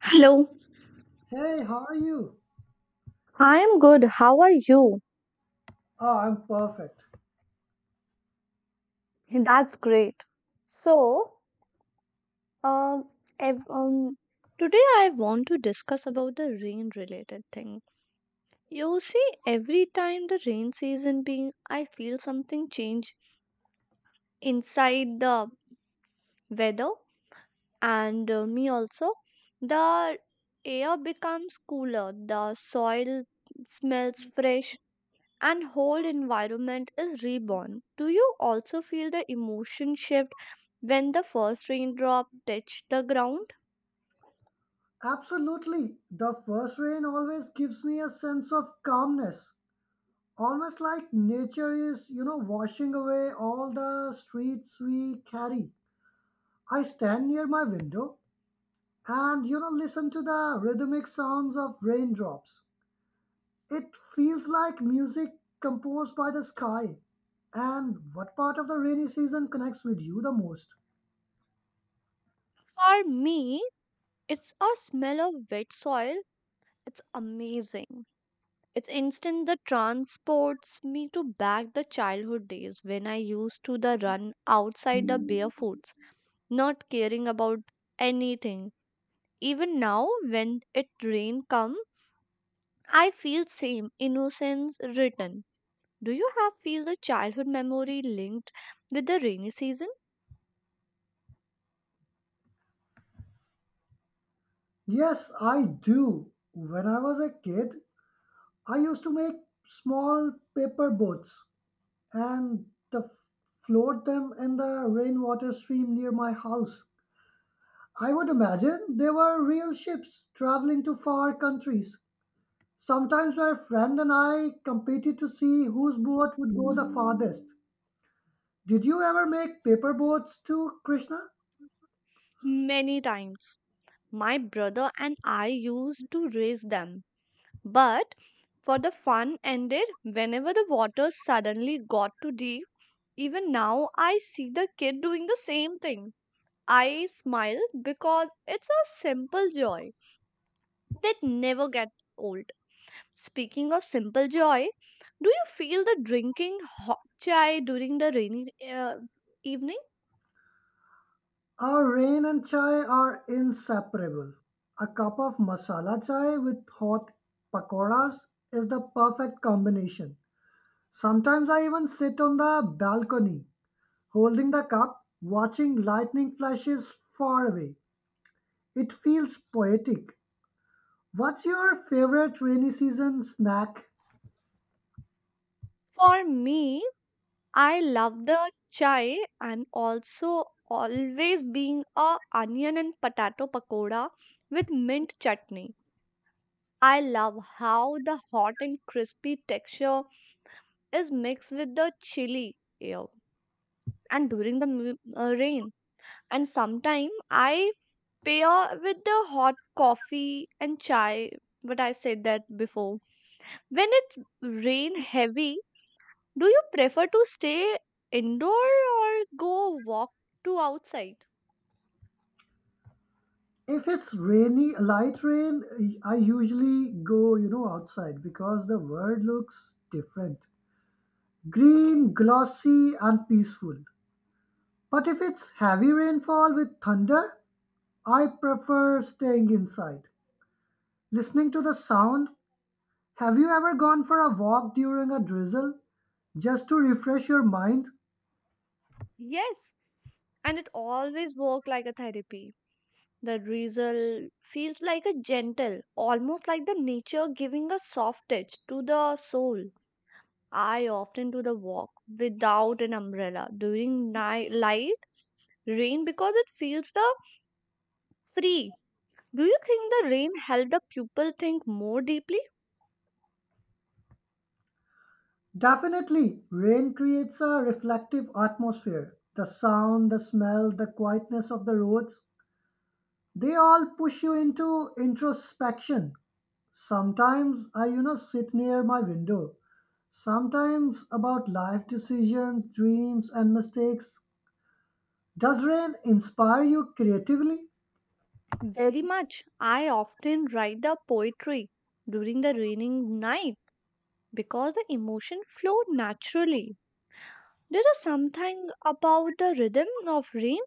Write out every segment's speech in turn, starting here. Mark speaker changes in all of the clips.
Speaker 1: Hello.
Speaker 2: Hey, how are you?
Speaker 1: I am good. How are you?
Speaker 2: Oh, I'm perfect.
Speaker 1: That's great. So, um, ev- um, today I want to discuss about the rain related thing. You see, every time the rain season being, I feel something change inside the weather and me also. The air becomes cooler, the soil smells fresh, and whole environment is reborn. Do you also feel the emotion shift when the first raindrop touch the ground?
Speaker 2: Absolutely. The first rain always gives me a sense of calmness. Almost like nature is, you know, washing away all the streets we carry. I stand near my window and, listen to the rhythmic sounds of raindrops. It feels like music composed by the sky. And what part of the rainy season connects with you the most?
Speaker 1: For me, it's a smell of wet soil. It's amazing. It's instant that transports me to back the childhood days when I used to the run outside the barefoots, not caring about anything. Even now when it rain come, I feel same innocence return. Do you have feel the childhood memory linked with the rainy season?
Speaker 2: Yes, I do. When I was a kid, I used to make small paper boats and the float them in the rainwater stream near my house. I would imagine they were real ships traveling to far countries. Sometimes my friend and I competed to see whose boat would go the farthest. Did you ever make paper boats too, Krishna?
Speaker 1: Many times. My brother and I used to race them. But for the fun ended whenever the water suddenly got too deep. Even now I see the kid doing the same thing. I smile because it's a simple joy that never get old. Speaking of simple joy, do you feel the drinking hot chai during the rainy evening?
Speaker 2: Our rain and chai are inseparable. A cup of masala chai with hot pakoras is the perfect combination. Sometimes I even sit on the balcony, holding the cup, watching lightning flashes far away. It feels poetic. What's your favorite rainy season snack?
Speaker 1: For me, I love the chai and also always being a onion and potato pakoda with mint chutney. I love how the hot and crispy texture is mixed with the chili air and during the rain. And sometimes I pair with the hot coffee and chai. But I said that before. When it's rain heavy, do you prefer to stay indoor or go walk to outside?
Speaker 2: If it's rainy, light rain, I usually go, outside because the world looks different. Green, glossy, and peaceful. But if it's heavy rainfall with thunder, I prefer staying inside, listening to the sound. Have you ever gone for a walk during a drizzle just to refresh your mind?
Speaker 1: Yes, and it always works like a therapy. The drizzle feels like a gentle, almost like the nature giving a soft touch to the soul. I often do the walk without an umbrella during night light rain because it feels the free. Do you think the rain helped the pupil think more deeply?
Speaker 2: Definitely, rain creates a reflective atmosphere. The sound, the smell, the quietness of the roads, they all push you into introspection. Sometimes I sit near my window. Sometimes about life decisions, dreams, and mistakes. Does rain inspire you creatively?
Speaker 1: Very much. I often write the poetry during the raining night because the emotion flowed naturally. There is something about the rhythm of rain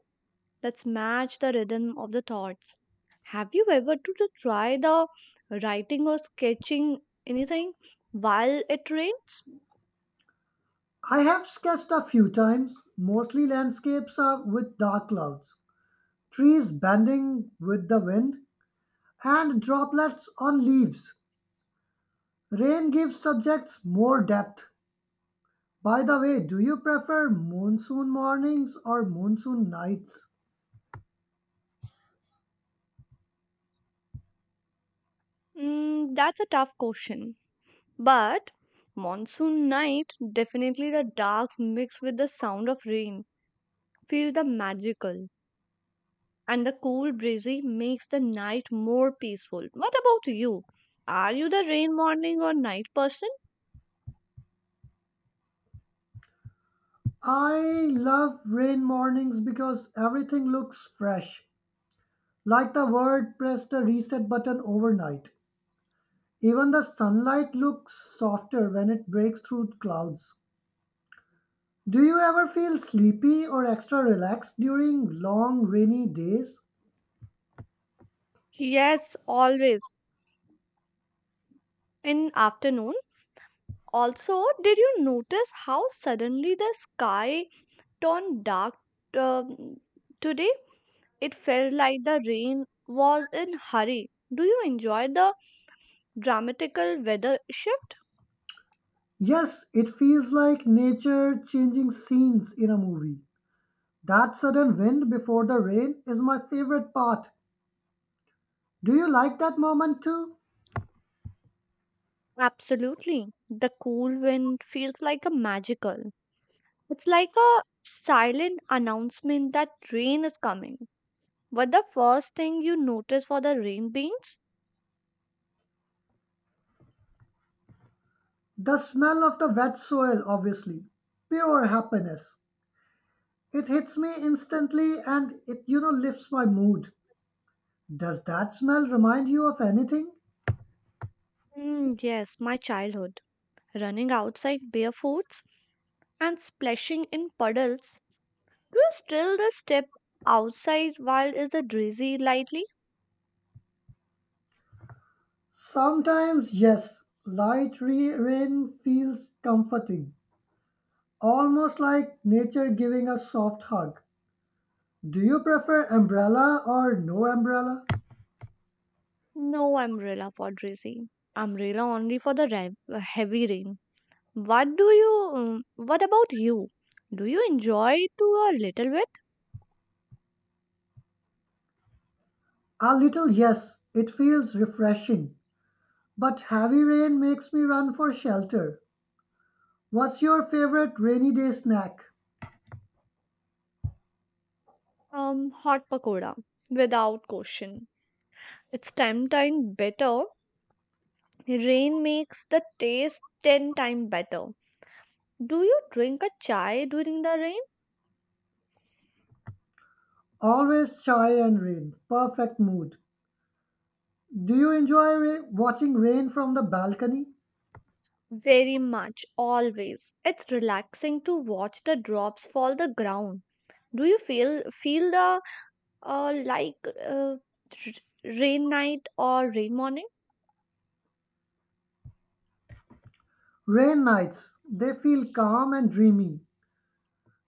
Speaker 1: that match the rhythm of the thoughts. Have you ever to try the writing or sketching anything while it rains?
Speaker 2: I have sketched a few times. Mostly landscapes are with dark clouds, trees bending with the wind, and droplets on leaves. Rain gives subjects more depth. By the way, do you prefer monsoon mornings or monsoon nights?
Speaker 1: Mm, that's a tough question. But monsoon night, definitely the dark mixed with the sound of rain. Feel the magical. And the cool breezy makes the night more peaceful. What about you? Are you the rain morning or night person?
Speaker 2: I love rain mornings because everything looks fresh, like the world pressed a reset button overnight. Even the sunlight looks softer when it breaks through clouds. Do you ever feel sleepy or extra relaxed during long rainy days?
Speaker 1: Yes, always. In afternoon. Also, did you notice how suddenly the sky turned dark um, today? It felt like the rain was in hurry. Do you enjoy the dramatical weather shift?
Speaker 2: Yes, it feels like nature changing scenes in a movie. That sudden wind before the rain is my favorite part. Do you like that moment too?
Speaker 1: Absolutely. The cool wind feels like a magical. It's like a silent announcement that rain is coming. What the first thing you notice for the rain beans?
Speaker 2: The smell of the wet soil, obviously. Pure happiness. It hits me instantly and it lifts my mood. Does that smell remind you of anything?
Speaker 1: Mm, yes, my childhood. Running outside barefoots and splashing in puddles. Do you still the step outside while is the drizzly lightly?
Speaker 2: Sometimes, yes. Rain feels comforting. Almost like nature giving a soft hug. Do you prefer umbrella or no umbrella?
Speaker 1: No umbrella for drizzly. Umbrella only for the heavy rain. What do you? What about you? Do you enjoy to a little bit?
Speaker 2: A little, yes. It feels refreshing. But heavy rain makes me run for shelter. What's your favorite rainy day snack?
Speaker 1: Hot pakoda without question. It's ten times better. Rain makes the taste ten times better. Do you drink a chai during the rain?
Speaker 2: Always chai and rain. Perfect mood. Do you enjoy watching rain from the balcony?
Speaker 1: Very much, always. It's relaxing to watch the drops fall the ground. Do you feel the like uh, r- rain night or rain morning?
Speaker 2: Rain nights. They feel calm and dreamy.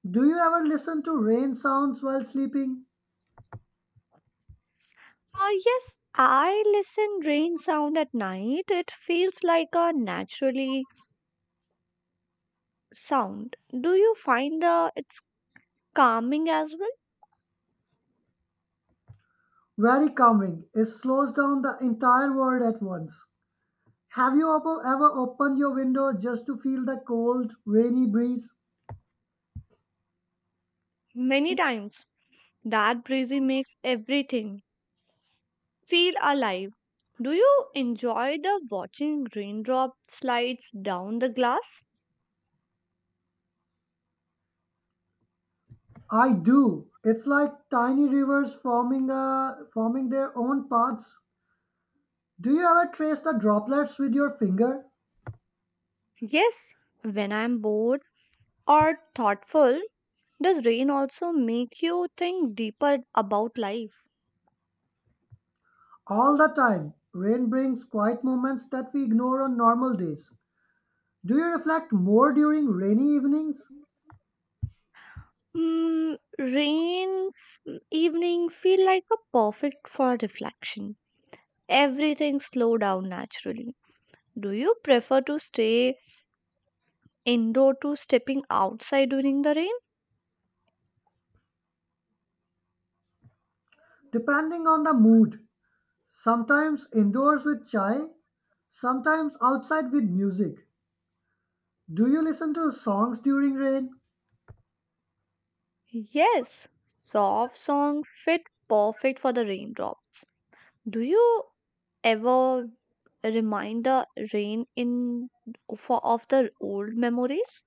Speaker 2: Do you ever listen to rain sounds while sleeping?
Speaker 1: Yes, I listen rain sound at night. It feels like a naturally sound. Do you find it's calming as well?
Speaker 2: Very calming. It slows down the entire world at once. Have you ever opened your window just to feel the cold, rainy breeze?
Speaker 1: Many times. That breezy makes everything feel alive. Do you enjoy the watching raindrop slides down the glass?
Speaker 2: I do. It's like tiny rivers forming their own paths. Do you ever trace the droplets with your finger?
Speaker 1: Yes, when I'm bored or thoughtful, does rain also make you think deeper about life?
Speaker 2: All the time. Rain brings quiet moments that we ignore on normal days. Do you reflect more during rainy evenings?
Speaker 1: Rain evening feel like a perfect for reflection. Everything slow down naturally. Do you prefer to stay indoor to stepping outside during the rain?
Speaker 2: Depending on the mood. Sometimes indoors with chai, sometimes outside with music. Do you listen to songs during rain?
Speaker 1: Yes, soft song fit perfect for the raindrops. Do you ever remind the rain in for of the old memories?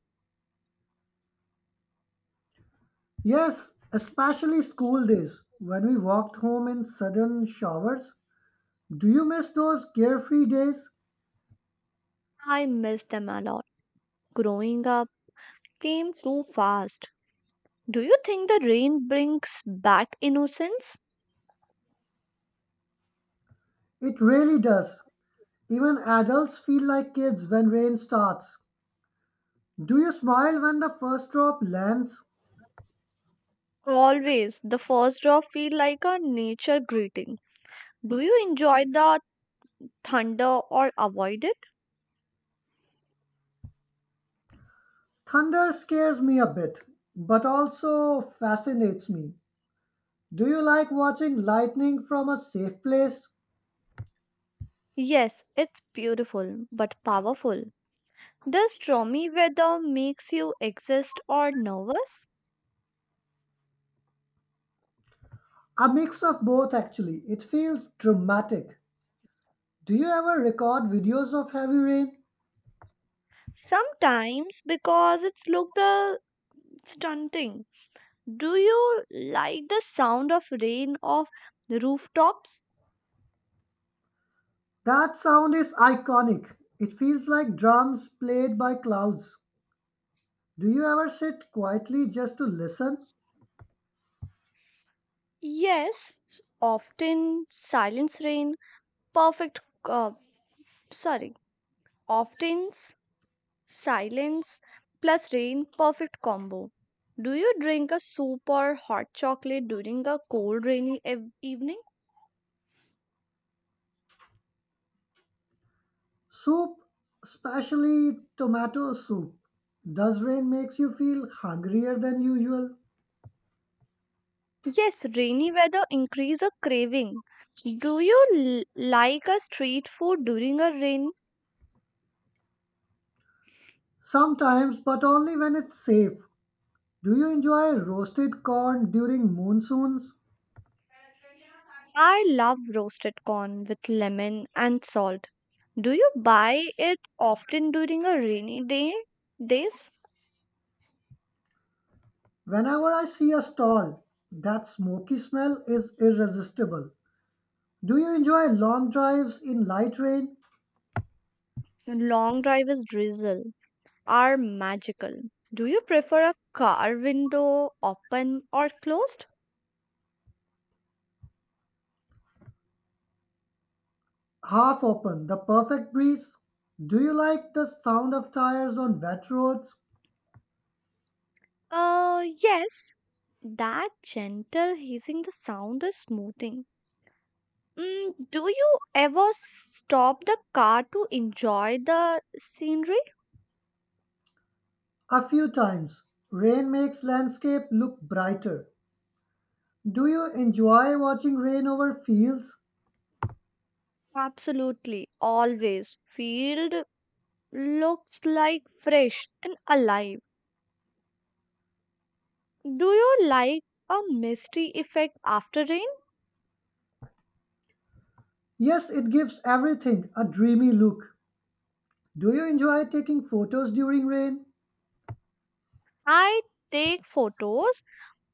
Speaker 2: Yes, especially school days when we walked home in sudden showers. Do you miss those carefree days?
Speaker 1: I miss them a lot. Growing up came too fast. Do you think the rain brings back innocence?
Speaker 2: It really does. Even adults feel like kids when rain starts. Do you smile when the first drop lands?
Speaker 1: Always the first drop feel like a nature greeting. Do you enjoy the thunder or avoid it?
Speaker 2: Thunder scares me a bit, but also fascinates me. Do you like watching lightning from a safe place?
Speaker 1: Yes, it's beautiful but powerful. Does stormy weather makes you exist or nervous?
Speaker 2: A mix of both, actually. It feels dramatic. Do you ever record videos of heavy rain?
Speaker 1: Sometimes because it's look the stunting. Do you like the sound of rain off the rooftops?
Speaker 2: That sound is iconic. It feels like drums played by clouds. Do you ever sit quietly just to listen?
Speaker 1: Yes, often silence rain, perfect uh, sorry, often silence plus rain perfect combo. Do you drink a soup or hot chocolate during a cold rainy evening?
Speaker 2: Soup, especially tomato soup. Does rain makes you feel hungrier than usual?
Speaker 1: Yes, rainy weather increase a craving. Do you like a street food during a rain?
Speaker 2: Sometimes, but only when it's safe. Do you enjoy roasted corn during monsoons?
Speaker 1: I love roasted corn with lemon and salt. Do you buy it often during a rainy day? Days?
Speaker 2: Whenever I see a stall, that smoky smell is irresistible. Do you enjoy long drives in light rain?
Speaker 1: Long drivers drizzle are magical. Do you prefer a car window open or closed?
Speaker 2: Half open, the perfect breeze? Do you like the sound of tires on wet roads?
Speaker 1: Yes. That gentle hissing, the sound is smoothing. Do you ever stop the car to enjoy the scenery?
Speaker 2: A few times, rain makes landscape look brighter. Do you enjoy watching rain over fields?
Speaker 1: Absolutely, always. Field looks like fresh and alive. Do you like a misty effect after rain?
Speaker 2: Yes, it gives everything a dreamy look. Do you enjoy taking photos during rain?
Speaker 1: I take photos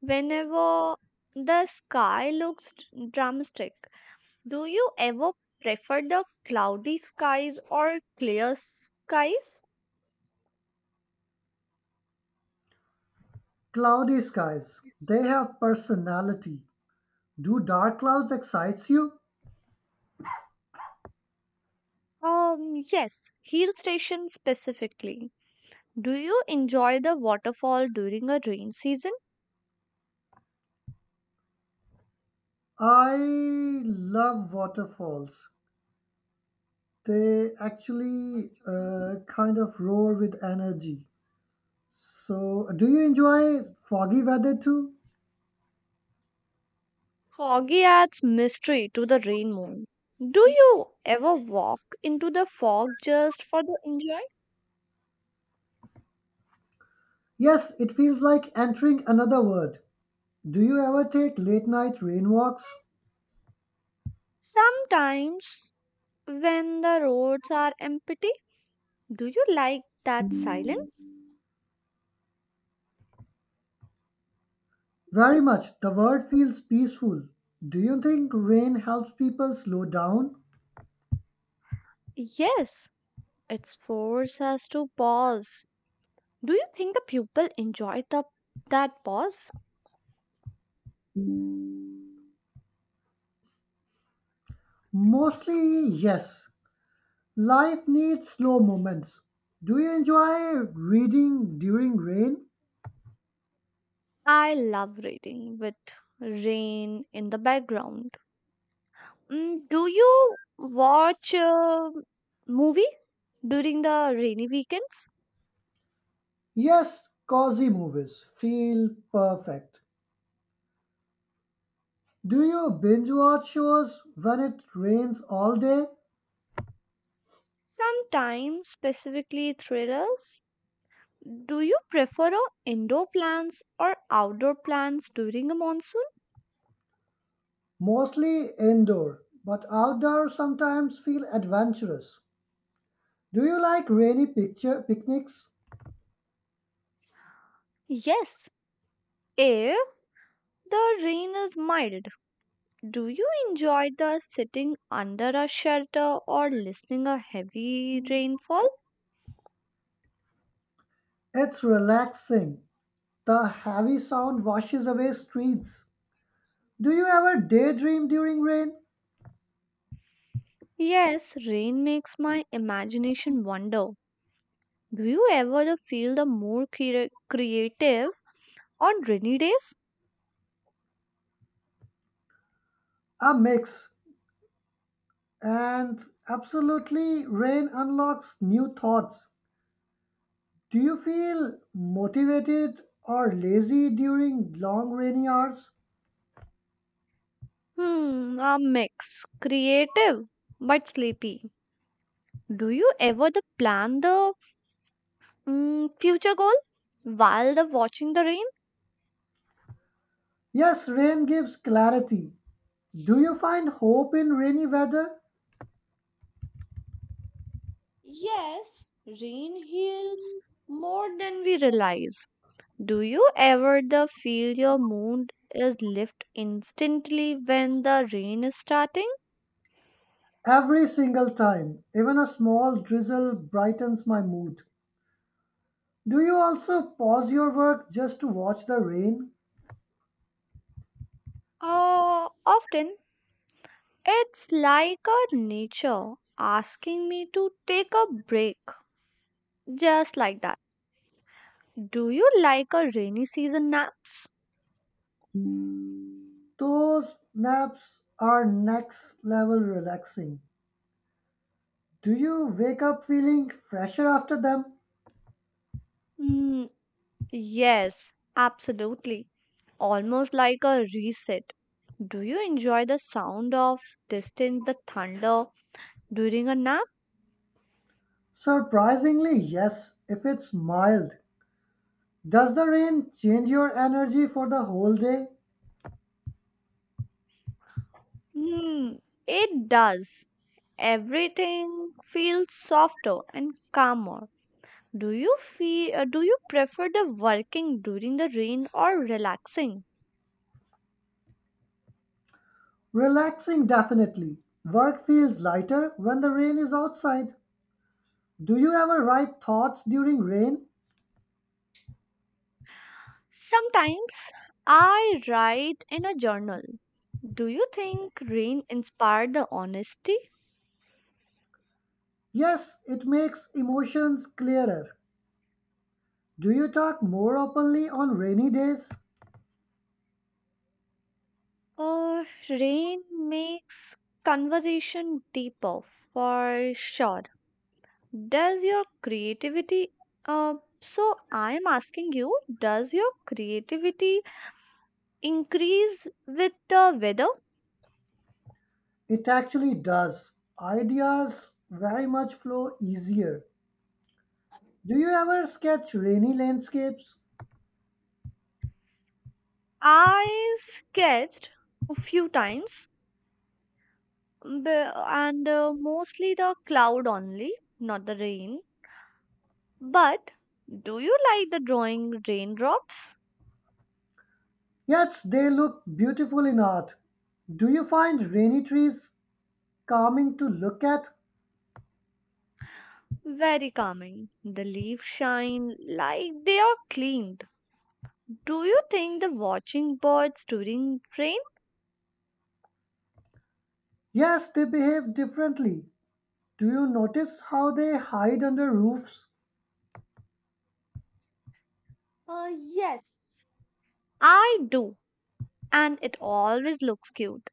Speaker 1: whenever the sky looks dramatic. Do you ever prefer the cloudy skies or clear skies?
Speaker 2: Cloudy skies, they have personality. Do dark clouds excites you?
Speaker 1: Yes, hill station specifically. Do you enjoy the waterfall during a rain season?
Speaker 2: I love waterfalls. They actually kind of roar with energy. So, do you enjoy foggy weather too?
Speaker 1: Foggy adds mystery to the rain moon. Do you ever walk into the fog just for the enjoy?
Speaker 2: Yes, it feels like entering another world. Do you ever take late night rain walks?
Speaker 1: Sometimes when the roads are empty, do you like that silence?
Speaker 2: Very much. The world feels peaceful. Do you think rain helps people slow down?
Speaker 1: Yes, it forces us to pause. Do you think the pupil enjoy that pause?
Speaker 2: Mostly, yes. Life needs slow moments. Do you enjoy reading during rain?
Speaker 1: I love reading with rain in the background. Do you watch a movie during the rainy weekends?
Speaker 2: Yes, cozy movies feel perfect. Do you binge watch shows when it rains all day?
Speaker 1: Sometimes specifically thrillers. Do you prefer a indoor plants or outdoor plants during a monsoon?
Speaker 2: Mostly indoor, but outdoor sometimes feel adventurous. Do you like rainy picture picnics?
Speaker 1: Yes. If the rain is mild, do you enjoy the sitting under a shelter or listening a heavy rainfall?
Speaker 2: It's relaxing. The heavy sound washes away streets. Do you ever daydream during rain?
Speaker 1: Yes, rain makes my imagination wander. Do you ever feel the more creative on rainy days?
Speaker 2: A mix. And absolutely, rain unlocks new thoughts. Do you feel motivated or lazy during long rainy hours?
Speaker 1: Hmm, a mix. Creative but sleepy. Do you ever the plan the future goal while the watching the rain?
Speaker 2: Yes, rain gives clarity. Do you find hope in rainy weather?
Speaker 1: Yes, rain heals more than we realize. Do you ever the feel your mood is lift instantly when the rain is starting?
Speaker 2: Every single time, even a small drizzle brightens my mood. Do you also pause your work just to watch the rain?
Speaker 1: Often. It's like a nature asking me to take a break, just like that. Do you like a rainy season naps?
Speaker 2: Those naps are next level relaxing. Do you wake up feeling fresher after them?
Speaker 1: Mm, yes, absolutely. Almost like a reset. Do you enjoy the sound of distant the thunder during a nap?
Speaker 2: Surprisingly, yes, if it's mild. Does the rain change your energy for the whole day?
Speaker 1: Hmm, it does. Everything feels softer and calmer. Do you feel do you prefer the working during the rain or relaxing?
Speaker 2: Relaxing, definitely. Work feels lighter when the rain is outside. Do you ever write thoughts during rain?
Speaker 1: Sometimes I write in a journal. Do you think rain inspired the honesty?
Speaker 2: Yes, it makes emotions clearer. Do you talk more openly on rainy days?
Speaker 1: Uh, Rain makes conversation deeper for sure. Does your creativity uh, so I am asking you, does your creativity increase with the weather?
Speaker 2: It actually does. Ideas very much flow easier. Do you ever sketch rainy landscapes?
Speaker 1: I sketched a few times and mostly the cloud only, not the rain. But do you like the drawing raindrops?
Speaker 2: Yet they look beautiful in art. Do you find rainy trees calming to look at?
Speaker 1: Very calming. The leaves shine like they are cleaned. Do you think the watching birds during rain?
Speaker 2: Yes, they behave differently. Do you notice how they hide under roofs?
Speaker 1: Yes. I do, and it always looks cute.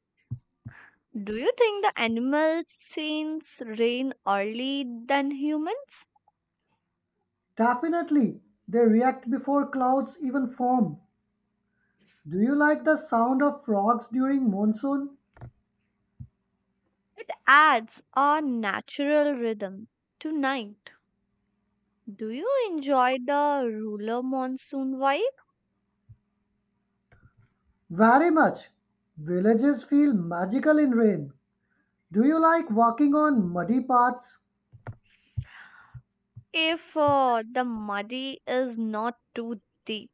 Speaker 1: Do you think the animals sense rain early than humans?
Speaker 2: Definitely, they react before clouds even form. Do you like the sound of frogs during monsoon?
Speaker 1: Adds a natural rhythm to night. Do you enjoy the rural monsoon vibe?
Speaker 2: Very much. Villages feel magical in rain. Do you like walking on muddy paths?
Speaker 1: If the muddy is not too deep.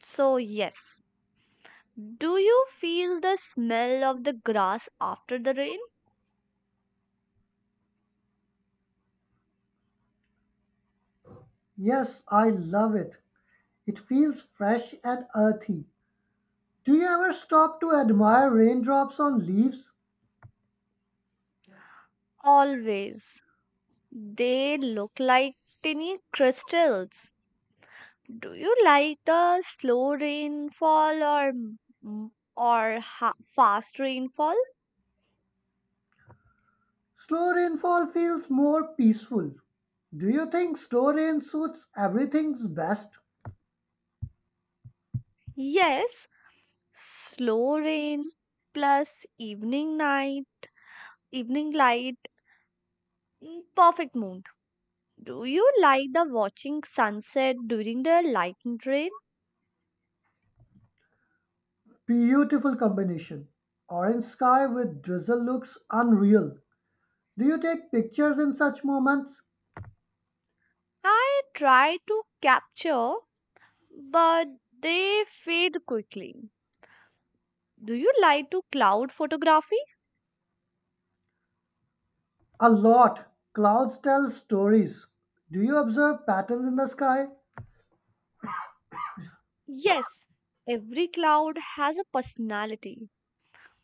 Speaker 1: So, yes. Do you feel the smell of the grass after the rain?
Speaker 2: Yes, I love it. It feels fresh and earthy. Do you ever stop to admire raindrops on leaves?
Speaker 1: Always. They look like tiny crystals. Do you like the slow rainfall m- or fast rainfall?
Speaker 2: Slow rainfall feels more peaceful. Do you think slow rain suits everything's best?
Speaker 1: Yes, slow rain plus evening night, evening light. Perfect mood. Do you like the watching sunset during the lightning rain?
Speaker 2: Beautiful combination. Orange sky with drizzle looks unreal. Do you take pictures in such moments?
Speaker 1: I try to capture, but they fade quickly. Do you like to cloud photography?
Speaker 2: A lot. Clouds tell stories. Do you observe patterns in the sky?
Speaker 1: Yes, every cloud has a personality.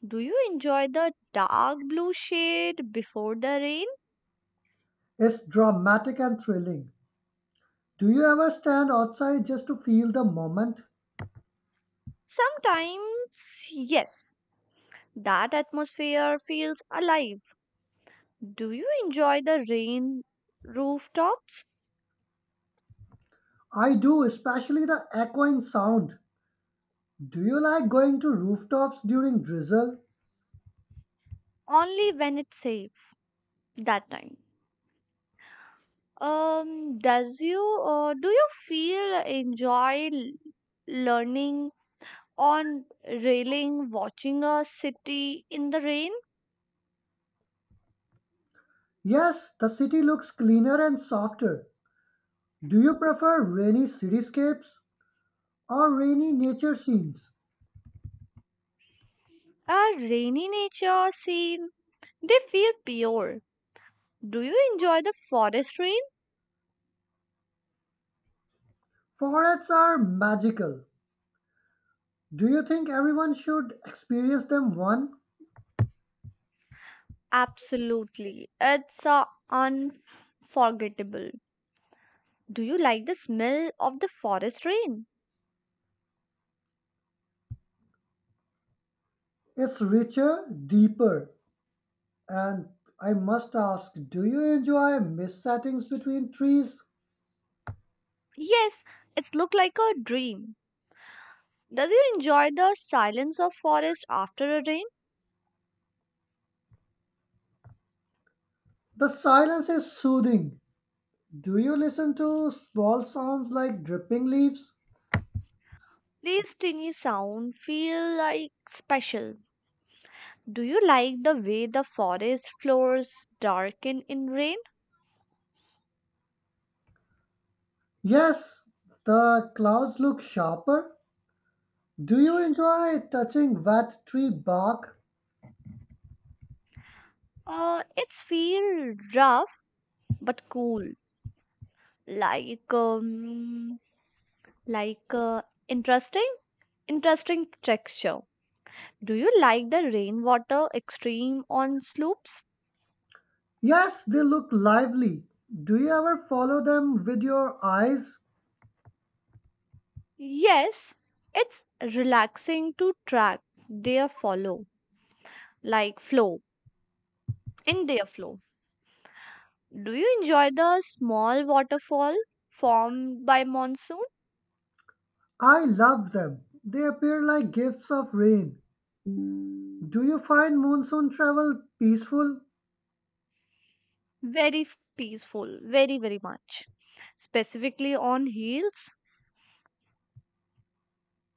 Speaker 1: Do you enjoy the dark blue shade before the rain?
Speaker 2: It's dramatic and thrilling. Do you ever stand outside just to feel the moment?
Speaker 1: Sometimes, yes. That atmosphere feels alive. Do you enjoy the rain rooftops?
Speaker 2: I do, especially the echoing sound. Do you like going to rooftops during drizzle?
Speaker 1: Only when it's safe. That time, does you do you feel enjoy learning on railing watching a city in the rain.
Speaker 2: Yes, the city looks cleaner and softer. Do you prefer rainy cityscapes or rainy nature scenes?
Speaker 1: A rainy nature scene, they feel pure. Do you enjoy the forest rain?
Speaker 2: Forests are magical. Do you think everyone should experience them one?
Speaker 1: Absolutely, it's unforgettable. Do you like the smell of the forest rain?
Speaker 2: It's richer, deeper. And I must ask, do you enjoy mist settings between trees?
Speaker 1: Yes, it's look like a dream. Does you enjoy the silence of forest after a rain?
Speaker 2: The silence is soothing. Do you listen to small sounds like dripping leaves?
Speaker 1: These tiny sound feel like special. Do you like the way the forest floors darken in rain?
Speaker 2: Yes, the clouds look sharper. Do you enjoy touching wet tree bark?
Speaker 1: It's feel rough but cool. Like like uh, interesting, interesting texture. Do you like the rainwater extreme on slopes?
Speaker 2: Yes, they look lively. Do you ever follow them with your eyes?
Speaker 1: Yes, it's relaxing to track their follow like flow. In their flow. Do you enjoy the small waterfall formed by monsoon?
Speaker 2: I love them. They appear like gifts of rain. Do you find monsoon travel peaceful?
Speaker 1: Very peaceful, very, very much. Specifically on hills,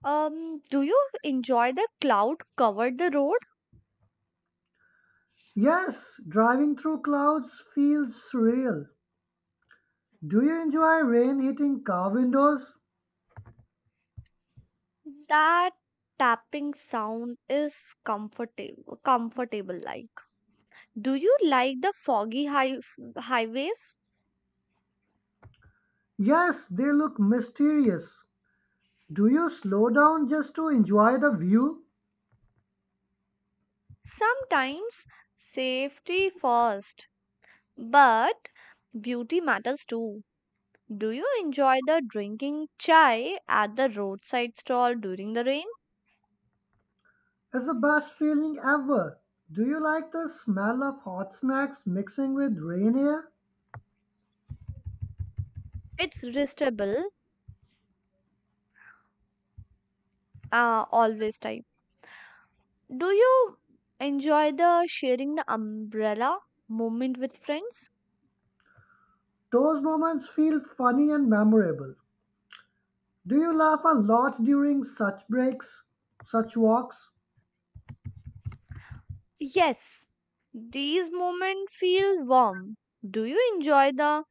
Speaker 1: do you enjoy the cloud covered the road?
Speaker 2: Yes, driving through clouds feels surreal. Do you enjoy rain hitting car windows?
Speaker 1: That tapping sound is comfortable like. Do you like the foggy highways?
Speaker 2: Yes, they look mysterious. Do you slow down just to enjoy the view?
Speaker 1: Sometimes safety first, but beauty matters too. Do you enjoy the drinking chai at the roadside stall during the rain?
Speaker 2: It's the best feeling ever. Do you like the smell of hot snacks mixing with rain air?
Speaker 1: It's restable, always time. Do you enjoy the sharing the umbrella moment with friends?
Speaker 2: Those moments feel funny and memorable. Do you laugh a lot during such such walks?
Speaker 1: Yes, these moments feel warm. Do you enjoy the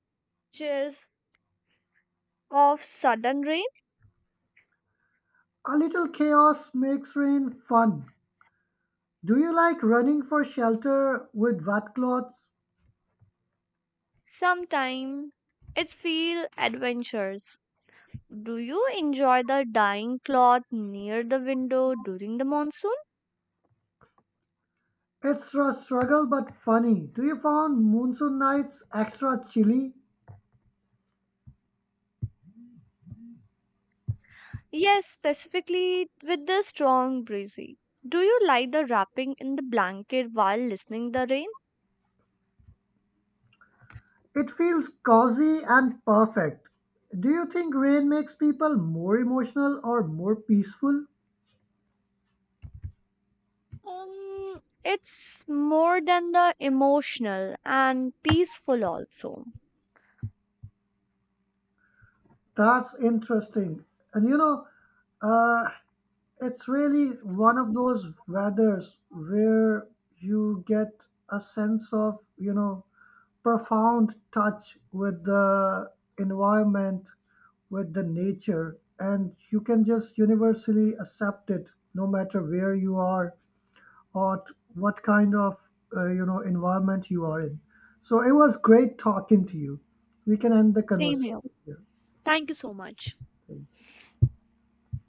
Speaker 1: chills of sudden rain?
Speaker 2: A little chaos makes rain fun. Do you like running for shelter with wet clothes?
Speaker 1: Sometimes it's feel adventures. Do you enjoy the dyeing cloth near the window during the monsoon?
Speaker 2: It's a struggle but funny. Do you find monsoon nights extra chilly?
Speaker 1: Yes, specifically with the strong breezy. Do you like the wrapping in the blanket while listening the rain?
Speaker 2: It feels cozy and perfect. Do you think rain makes people more emotional or more peaceful?
Speaker 1: It's more than the emotional and peaceful also.
Speaker 2: That's interesting. And uh, it's really one of those weathers where you get a sense of, profound touch with the environment, with the nature, and you can just universally accept it no matter where you are or what kind of environment you are in. So it was great talking to you. We can end the
Speaker 1: Same here.
Speaker 2: conversation here.
Speaker 1: Thank you so much.
Speaker 2: Thank you.